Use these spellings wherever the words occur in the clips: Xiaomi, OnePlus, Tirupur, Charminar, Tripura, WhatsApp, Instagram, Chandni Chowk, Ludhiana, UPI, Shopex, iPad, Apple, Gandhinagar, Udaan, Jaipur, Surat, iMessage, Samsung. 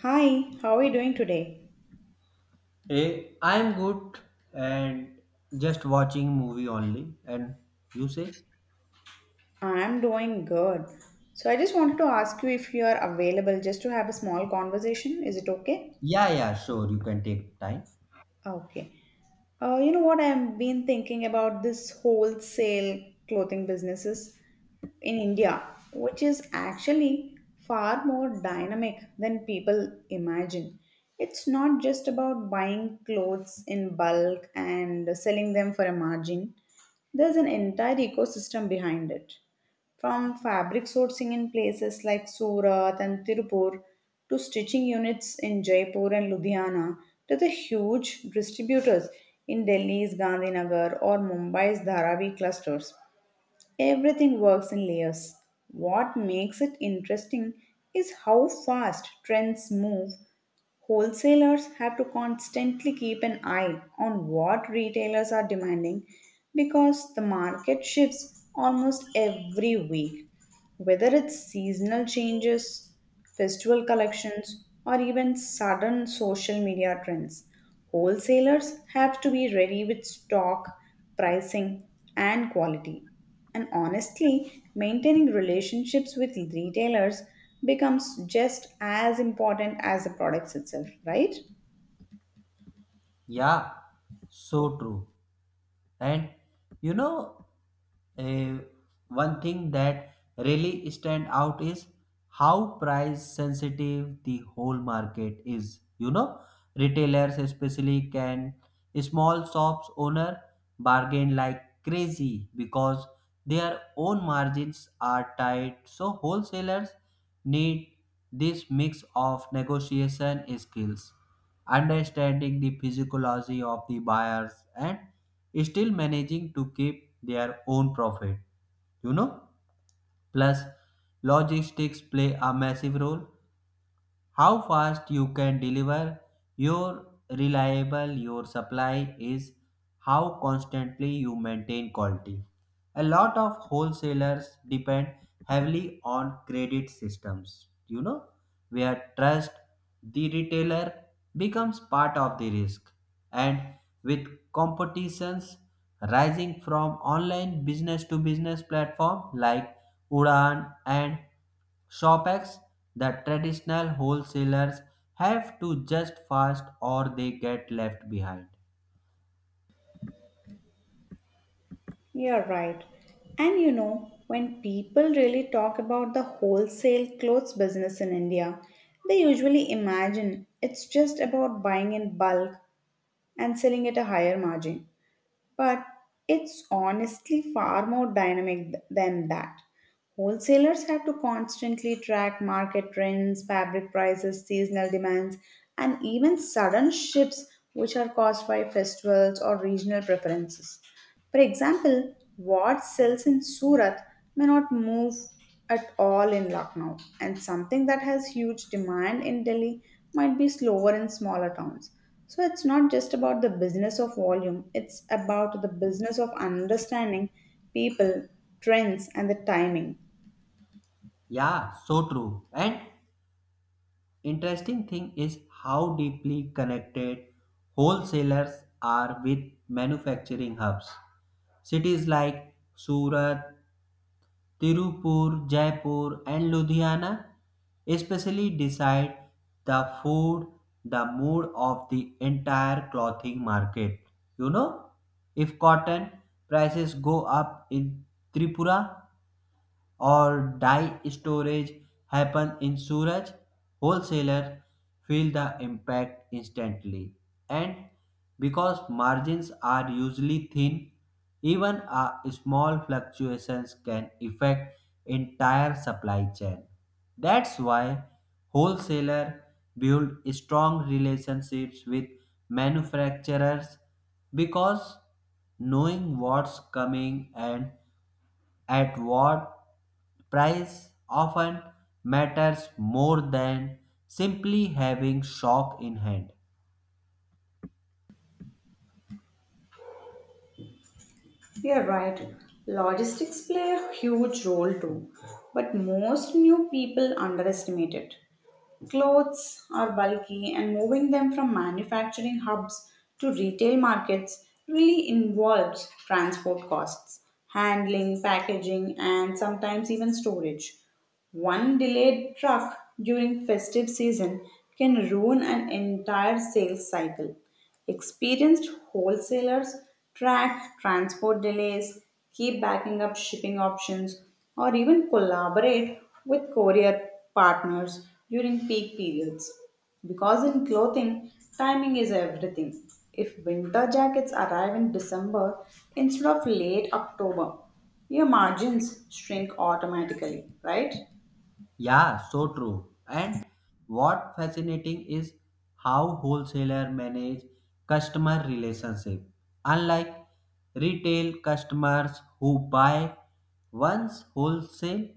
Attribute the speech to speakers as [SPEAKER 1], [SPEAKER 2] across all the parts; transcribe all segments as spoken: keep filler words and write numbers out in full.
[SPEAKER 1] Hi, how are you doing today?
[SPEAKER 2] Hey, I'm good and just watching movie only. And you say,
[SPEAKER 1] I'm doing good. So I just wanted to ask you if you are available just to have a small conversation. Is it okay?
[SPEAKER 2] yeah, yeah, sure, you can take time.
[SPEAKER 1] Okay. Uh, you know what? I've been thinking about this wholesale clothing businesses in India, which is actually far more dynamic than people imagine. It's not just about buying clothes in bulk and selling them for a margin. There's an entire ecosystem behind it. From fabric sourcing in places like Surat and Tirupur to stitching units in Jaipur and Ludhiana to the huge distributors in Delhi's Gandhinagar or Mumbai's Dharavi clusters. Everything works in layers. What makes it interesting is how fast trends move. Wholesalers have to constantly keep an eye on what retailers are demanding because the market shifts almost every week. Whether it's seasonal changes, festival collections, or even sudden social media trends, wholesalers have to be ready with stock, pricing, and quality. And honestly, maintaining relationships with retailers becomes just as important as the products itself, right?
[SPEAKER 2] Yeah, so true. And you know, eh, One thing that really stand out is how price sensitive the whole market is. You know, retailers especially can small shops owner bargain like crazy because their own margins are tight. So wholesalers need this mix of negotiation skills understanding the physiology of the buyers and still managing to keep their own profit, you know plus logistics play a massive role, how fast you can deliver, your reliable your supply is, how constantly you maintain quality. A lot of wholesalers depend heavily on credit systems, you know where trust the retailer becomes part of the risk. And with competitions rising from online business to business platform like Udaan, and Shopex, the traditional wholesalers have to adjust fast or they get left behind.
[SPEAKER 1] You're right. And you know, when people really talk about the wholesale clothes business in India, they usually imagine it's just about buying in bulk and selling at a higher margin. But it's honestly far more dynamic th- than that. Wholesalers have to constantly track market trends, fabric prices, seasonal demands, and even sudden shifts which are caused by festivals or regional preferences. For example, what sells in Surat may not move at all in Lucknow, and something that has huge demand in Delhi might be slower in smaller towns. So it's not just about the business of volume, it's about the business of understanding people, trends, and the timing.
[SPEAKER 2] Yeah, so true. And interesting thing is how deeply connected wholesalers are with manufacturing hubs. Cities like Surat, Tirupur, Jaipur, and Ludhiana especially decide the food, the mood of the entire clothing market. You know, if cotton prices go up in Tripura, or dye storage happen in suraj, wholesaler feel the impact instantly. And because margins are usually thin, even a small fluctuations can affect entire supply chain. That's why wholesaler build strong relationships with manufacturers because knowing what's coming and at what price often matters more than simply having stock in hand.
[SPEAKER 1] You're right. Logistics play a huge role too, but most new people underestimate it. Clothes are bulky, and moving them from manufacturing hubs to retail markets really involves transport costs, handling, packaging, and sometimes even storage. One delayed truck during festive season can ruin an entire sales cycle. Experienced wholesalers track transport delays, keep backing up shipping options, or even collaborate with courier partners during peak periods. Because in clothing, timing is everything. If winter jackets arrive in December instead of late October, your margins shrink automatically, right?
[SPEAKER 2] Yeah, so true. And what fascinating is how wholesaler manage customer relationship. Unlike retail customers who buy once, wholesale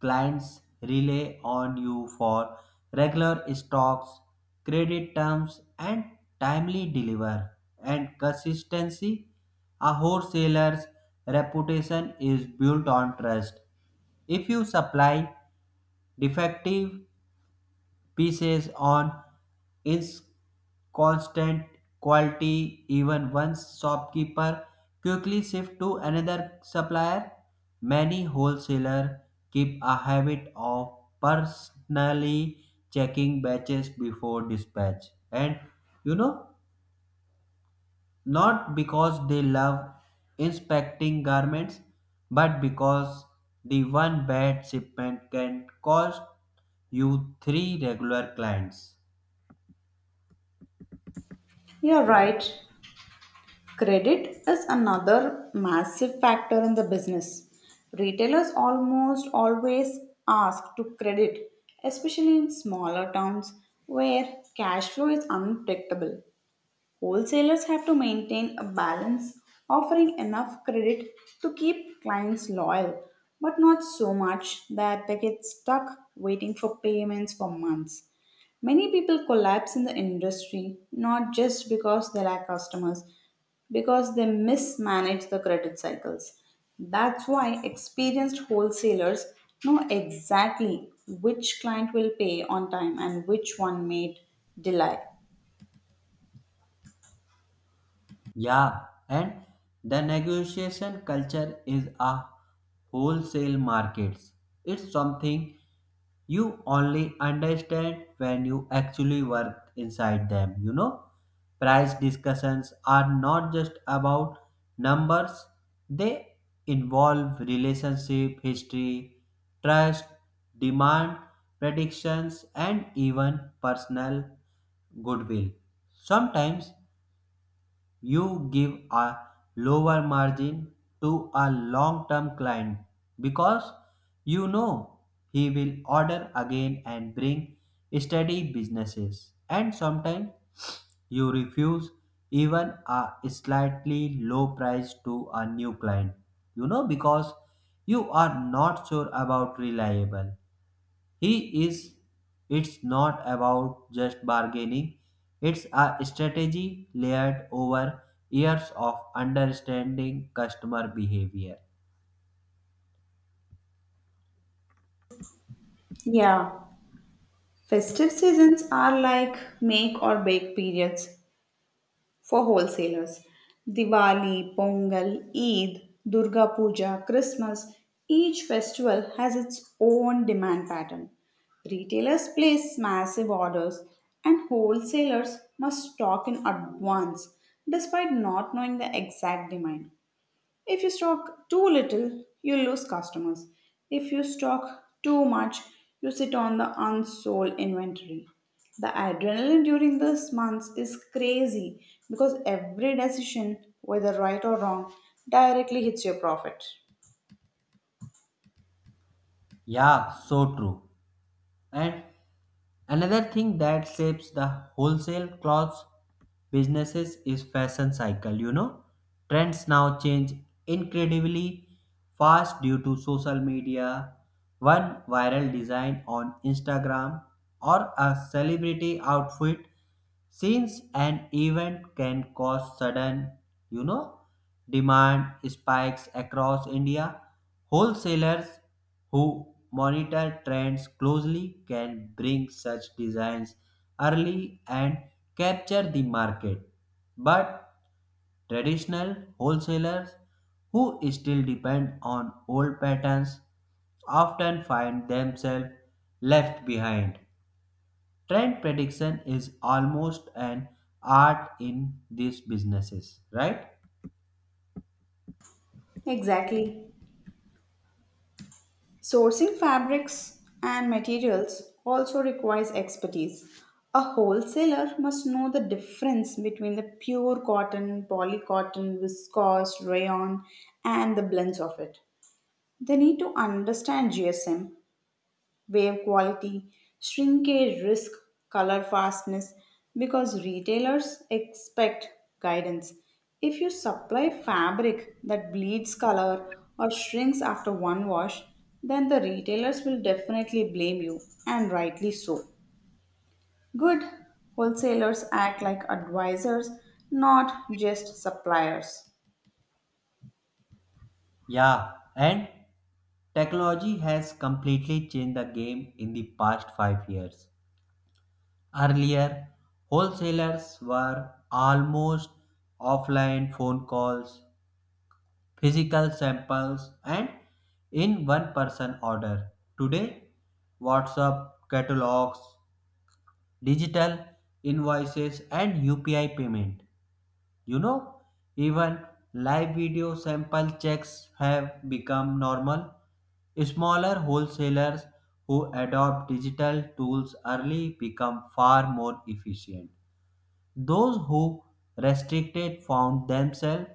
[SPEAKER 2] clients rely on you for regular stocks, credit terms and timely deliver and consistency. A wholesaler's reputation is built on trust. If you supply defective pieces on its constant quality even once, shopkeeper quickly shift to another supplier. Many wholesaler keep a habit of personally checking batches before dispatch, and you know not because they love inspecting garments, but because the one bad shipment can cost you three regular clients.
[SPEAKER 1] You're right. Credit is another massive factor in the business. Retailers almost always ask to credit, especially in smaller towns where cash flow is unpredictable. Wholesalers have to maintain a balance, offering enough credit to keep clients loyal, but not so much that they get stuck waiting for payments for months. Many people collapse in the industry not just because they lack customers, because they mismanage the credit cycles. That's why experienced wholesalers know exactly which client will pay on time and which one may delay.
[SPEAKER 2] Yeah, and the negotiation culture is a wholesale market. It's something you only understand when you actually work inside them. you know price discussions are not just about numbers, they involve relationship history, trust, demand predictions and even personal goodwill. Sometimes you give a lower margin to a long term client because you know he will order again and bring steady businesses. And sometimes you refuse even a slightly low price to a new client, you know, because you are not sure about reliable he is. It's not about just bargaining. It's a strategy layered over years of understanding customer behavior.
[SPEAKER 1] Yeah. Festive seasons are like make or bake periods for wholesalers. Diwali, Pongal, Eid, Durga Puja, Christmas, each festival has its own demand pattern. Retailers place massive orders and wholesalers must stock in advance despite not knowing the exact demand. If you stock too little, you lose customers. If you stock too much, you sit on the unsold inventory. The adrenaline during this month is crazy because every decision, whether right or wrong, directly hits your profit.
[SPEAKER 2] Yeah, so true. And another thing that shapes the wholesale clothes businesses is fashion cycle, you know. Trends now change incredibly fast due to social media. One viral design on Instagram or a celebrity outfit since an event can cause sudden, you know, demand spikes across India. Wholesalers who monitor trends closely can bring such designs early and capture the market. But traditional wholesalers who still depend on old patterns often find themselves left behind. Trend prediction is almost an art in these businesses, right?
[SPEAKER 1] Exactly. Sourcing fabrics and materials also requires expertise. A wholesaler must know the difference between the pure cotton, polycotton, viscose, rayon, and the blends of it. They need to understand G S M wave quality, shrinkage risk, color fastness because retailers expect guidance. If you supply fabric that bleeds color or shrinks after one wash, then the retailers will definitely blame you, and rightly so. Good wholesalers act like advisors, not just suppliers.
[SPEAKER 2] Yeah, and technology has completely changed the game in the past five years. Earlier, wholesalers were almost offline phone calls, physical samples, and in one person order. Today, WhatsApp catalogs, digital invoices, and U P I payment. You know, even live video sample checks have become normal. Smaller wholesalers who adopt digital tools early become far more efficient. Those who restricted found themselves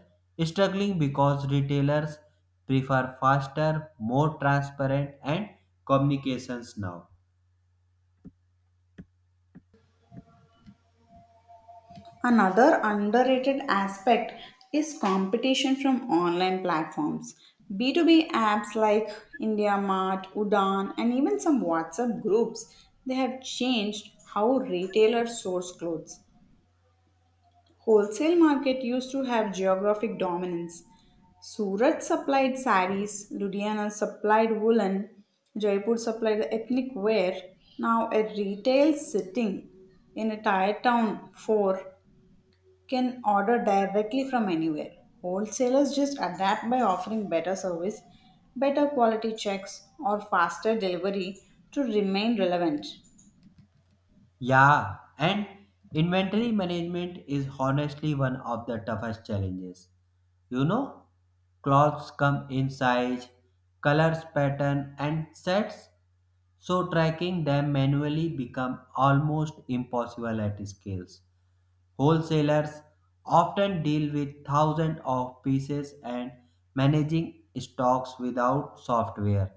[SPEAKER 2] struggling because retailers prefer faster, more transparent and communications now.
[SPEAKER 1] Another underrated aspect is competition from online platforms. B two B apps like IndiaMart, Udan, and even some WhatsApp groups, they have changed how retailers source clothes. Wholesale market used to have geographic dominance. Surat supplied saris, Ludhiana supplied woolen, Jaipur supplied ethnic wear. Now a retail sitting in a tired town for can order directly from anywhere. Wholesalers just adapt by offering better service, better quality checks, or faster delivery to remain relevant.
[SPEAKER 2] Yeah, and inventory management is honestly one of the toughest challenges. You know, clothes come in size, colors, pattern, and sets, so tracking them manually become almost impossible at scales. Wholesalers often deal with thousands of pieces, and managing stocks without software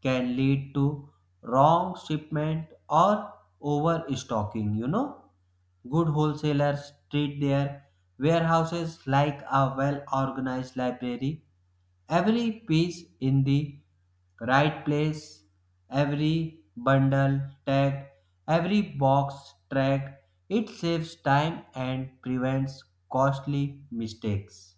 [SPEAKER 2] can lead to wrong shipment or overstocking. You know, good wholesalers treat their warehouses like a well organized library. Every piece in the right place, every bundle tagged, every box tracked, it saves time and prevents costly mistakes.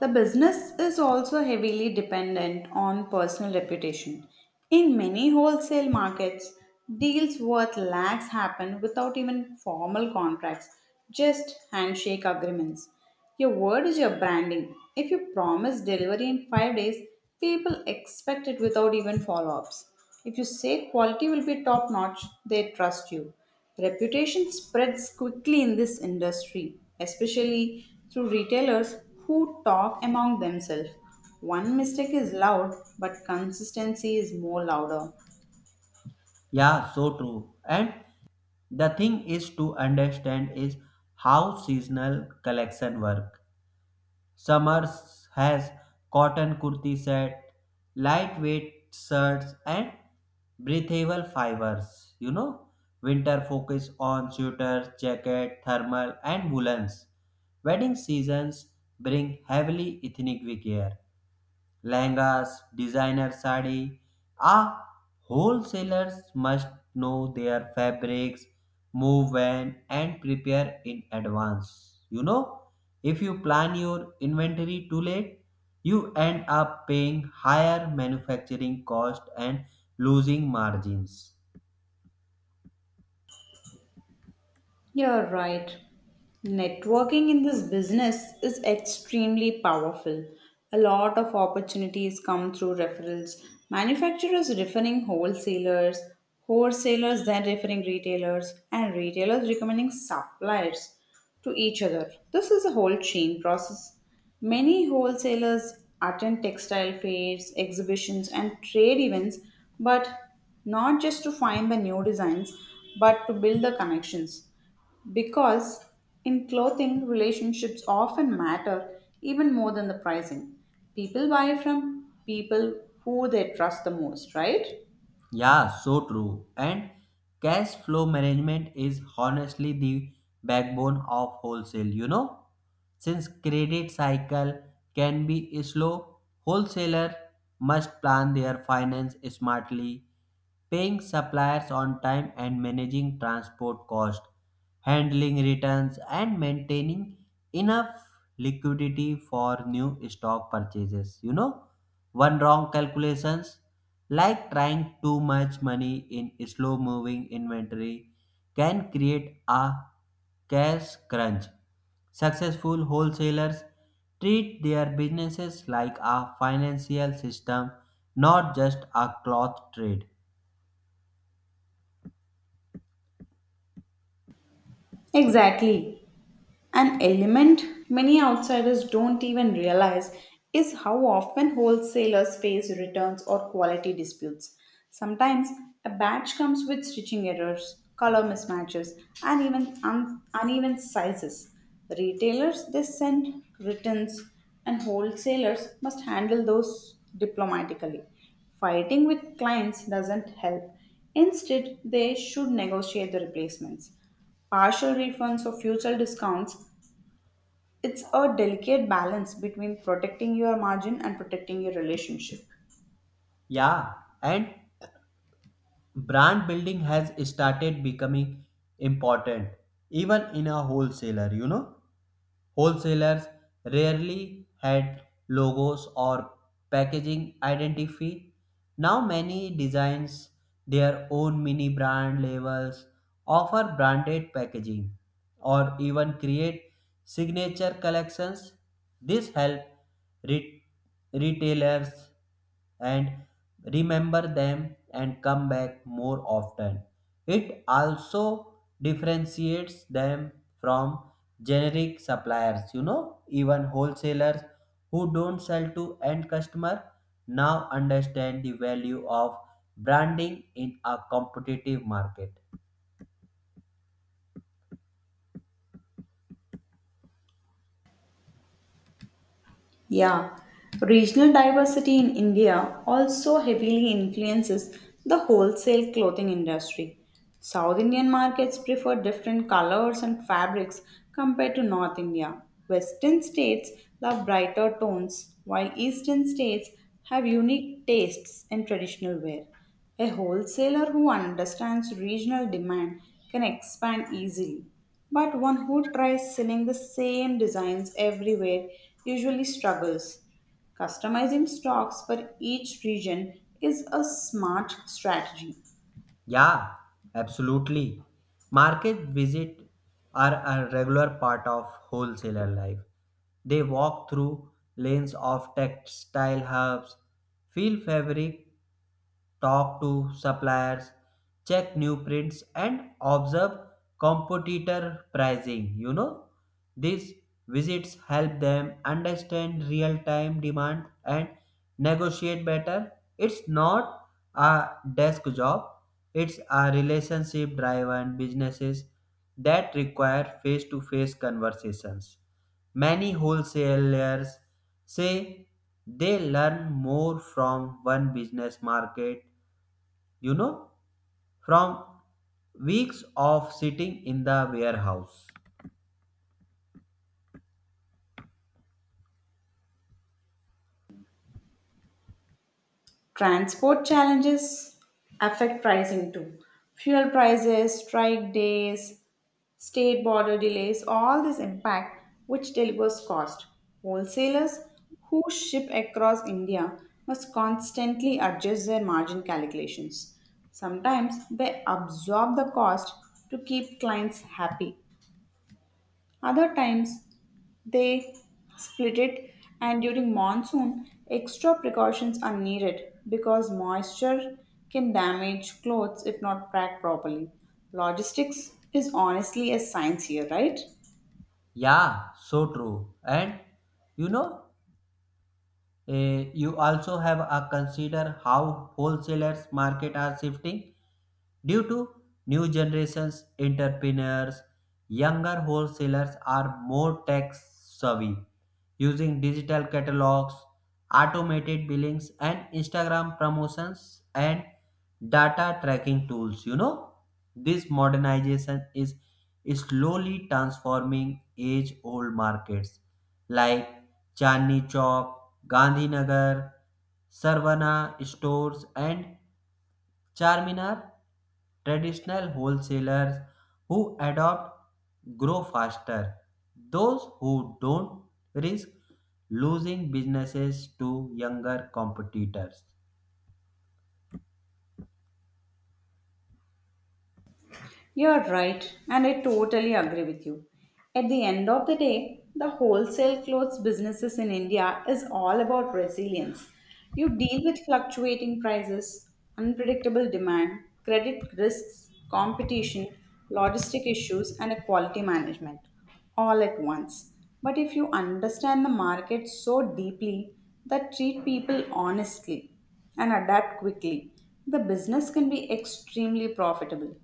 [SPEAKER 1] The business is also heavily dependent on personal reputation. In many wholesale markets, deals worth lakhs happen without even formal contracts, just handshake agreements. Your word is your branding. If you promise delivery in five days, people expect it without even follow ups. If you say quality will be top notch, they trust you. Reputation spreads quickly in this industry, especially through retailers who talk among themselves. One mistake is loud, but consistency is more louder.
[SPEAKER 2] Yeah, so true. And the thing is to understand is how seasonal collection work. Summers has cotton kurti set, lightweight shirts, and breathable fibers. You know, winter focus on sweaters, jacket, thermal, and woolens. Wedding seasons bring heavily ethnic wear, lehengas, designer sari. Ah, wholesalers must know their fabrics, move when, and prepare in advance. You know, if you plan your inventory too late, you end up paying higher manufacturing cost and losing margins.
[SPEAKER 1] You're right. Networking in this business is extremely powerful. A lot of opportunities come through referrals. Manufacturers referring wholesalers, wholesalers then referring retailers, and retailers recommending suppliers to each other. This is a whole chain process. Many wholesalers attend textile fairs, exhibitions, and trade events, but not just to find the new designs, but to build the connections. Because in clothing, relationships often matter even more than the pricing. People buy from people who they trust the most, right?
[SPEAKER 2] Yeah, so true. And cash flow management is honestly the backbone of wholesale, you know? Since credit cycle can be slow, wholesaler must plan their finance smartly, paying suppliers on time and managing transport costs, handling returns, and maintaining enough liquidity for new stock purchases. You know, one wrong calculations like trying too much money in slow moving inventory can create a cash crunch. Successful wholesalers treat their businesses like a financial system, not just a cloth trade.
[SPEAKER 1] Exactly. An element many outsiders don't even realize is how often wholesalers face returns or quality disputes. Sometimes a batch comes with stitching errors, color mismatches, and even un- uneven sizes. Retailers they send returns, and wholesalers must handle those diplomatically. Fighting with clients doesn't help. Instead, they should negotiate the replacements partial refunds or future discounts it's a delicate balance between protecting your margin and protecting your relationship.
[SPEAKER 2] Yeah, and brand building has started becoming important even in a wholesaler, you know. Wholesalers rarely had logos or packaging identity. Now many designs their own mini brand labels, offer branded packaging, or even create signature collections. This help re- retailers and remember them and come back more often. It also differentiates them from generic suppliers. you know even wholesalers who don't sell to end customer now understand the value of branding in a competitive market.
[SPEAKER 1] Yeah, regional diversity in India also heavily influences the wholesale clothing industry. South Indian markets prefer different colors and fabrics compared to North India. Western states love brighter tones, while Eastern states have unique tastes in traditional wear. A wholesaler who understands regional demand can expand easily, but one who tries selling the same designs everywhere usually struggles. Customizing stocks for each region is a smart strategy.
[SPEAKER 2] Yeah, absolutely. Market visit are a regular part of wholesaler life. They walk through lanes of textile hubs, feel fabric, talk to suppliers, check new prints, and observe competitor pricing. You know, these visits help them understand real time demand and negotiate better. It's not a desk job, it's a relationship driven businesses that require face to face conversations. Many wholesalers say they learn more from one business market, you know, from weeks of sitting in the warehouse.
[SPEAKER 1] Transport challenges affect pricing too. Fuel prices, strike days, state border delays, all this impact which delivers cost. Wholesalers who ship across India must constantly adjust their margin calculations. Sometimes they absorb the cost to keep clients happy. Other times they split it, and during monsoon, extra precautions are needed because moisture can damage clothes if not packed properly. Logistics is honestly a science here, right?
[SPEAKER 2] Yeah, so true. And you know, eh, you also have a consider how wholesalers market are shifting. Due to new generations entrepreneurs, younger wholesalers are more tech savvy, using digital catalogs, automated billings, and Instagram promotions and data tracking tools. You know, this modernization is slowly transforming age-old markets like Chandni Chowk, Gandhinagar, Sarvana stores, and Charminar. Traditional wholesalers who adopt grow faster. Those who don't risk losing businesses to younger competitors.
[SPEAKER 1] You're right, and I totally agree with you. At the end of the day, the wholesale clothes businesses in India is all about resilience. You deal with fluctuating prices, unpredictable demand, credit risks, competition, logistic issues, and a quality management all at once. But if you understand the market so deeply that treat people honestly, and adapt quickly, the business can be extremely profitable.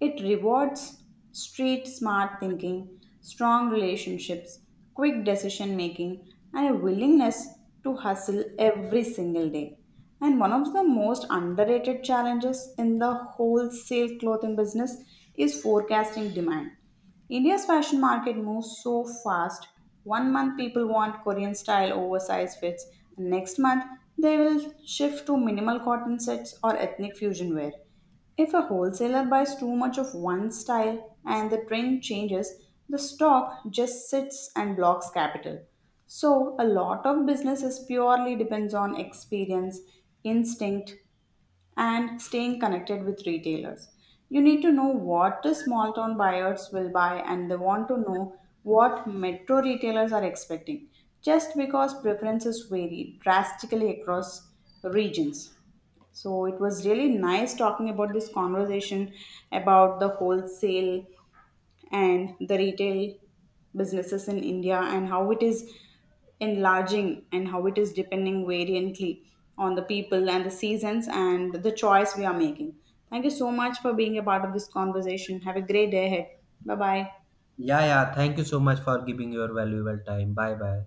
[SPEAKER 1] It rewards street smart thinking, strong relationships, quick decision making, and a willingness to hustle every single day. And one of the most underrated challenges in the wholesale clothing business is forecasting demand. India's fashion market moves so fast. One month people want Korean style oversized fits, and next month they will shift to minimal cotton sets or ethnic fusion wear. If a wholesaler buys too much of one style and the trend changes, the stock just sits and blocks capital. So, a lot of business is purely depends on experience, instinct, and staying connected with retailers. You need to know what the small town buyers will buy and they want to know what metro retailers are expecting, just because preferences vary drastically across regions. So it was really nice talking about this conversation about the wholesale and the retail businesses in India and how it is enlarging and how it is depending variantly on the people and the seasons and the choice we are making. Thank you so much for being a part of this conversation. Have a great day ahead. Bye bye.
[SPEAKER 2] Yeah, yeah. Thank you so much for giving your valuable time. Bye bye.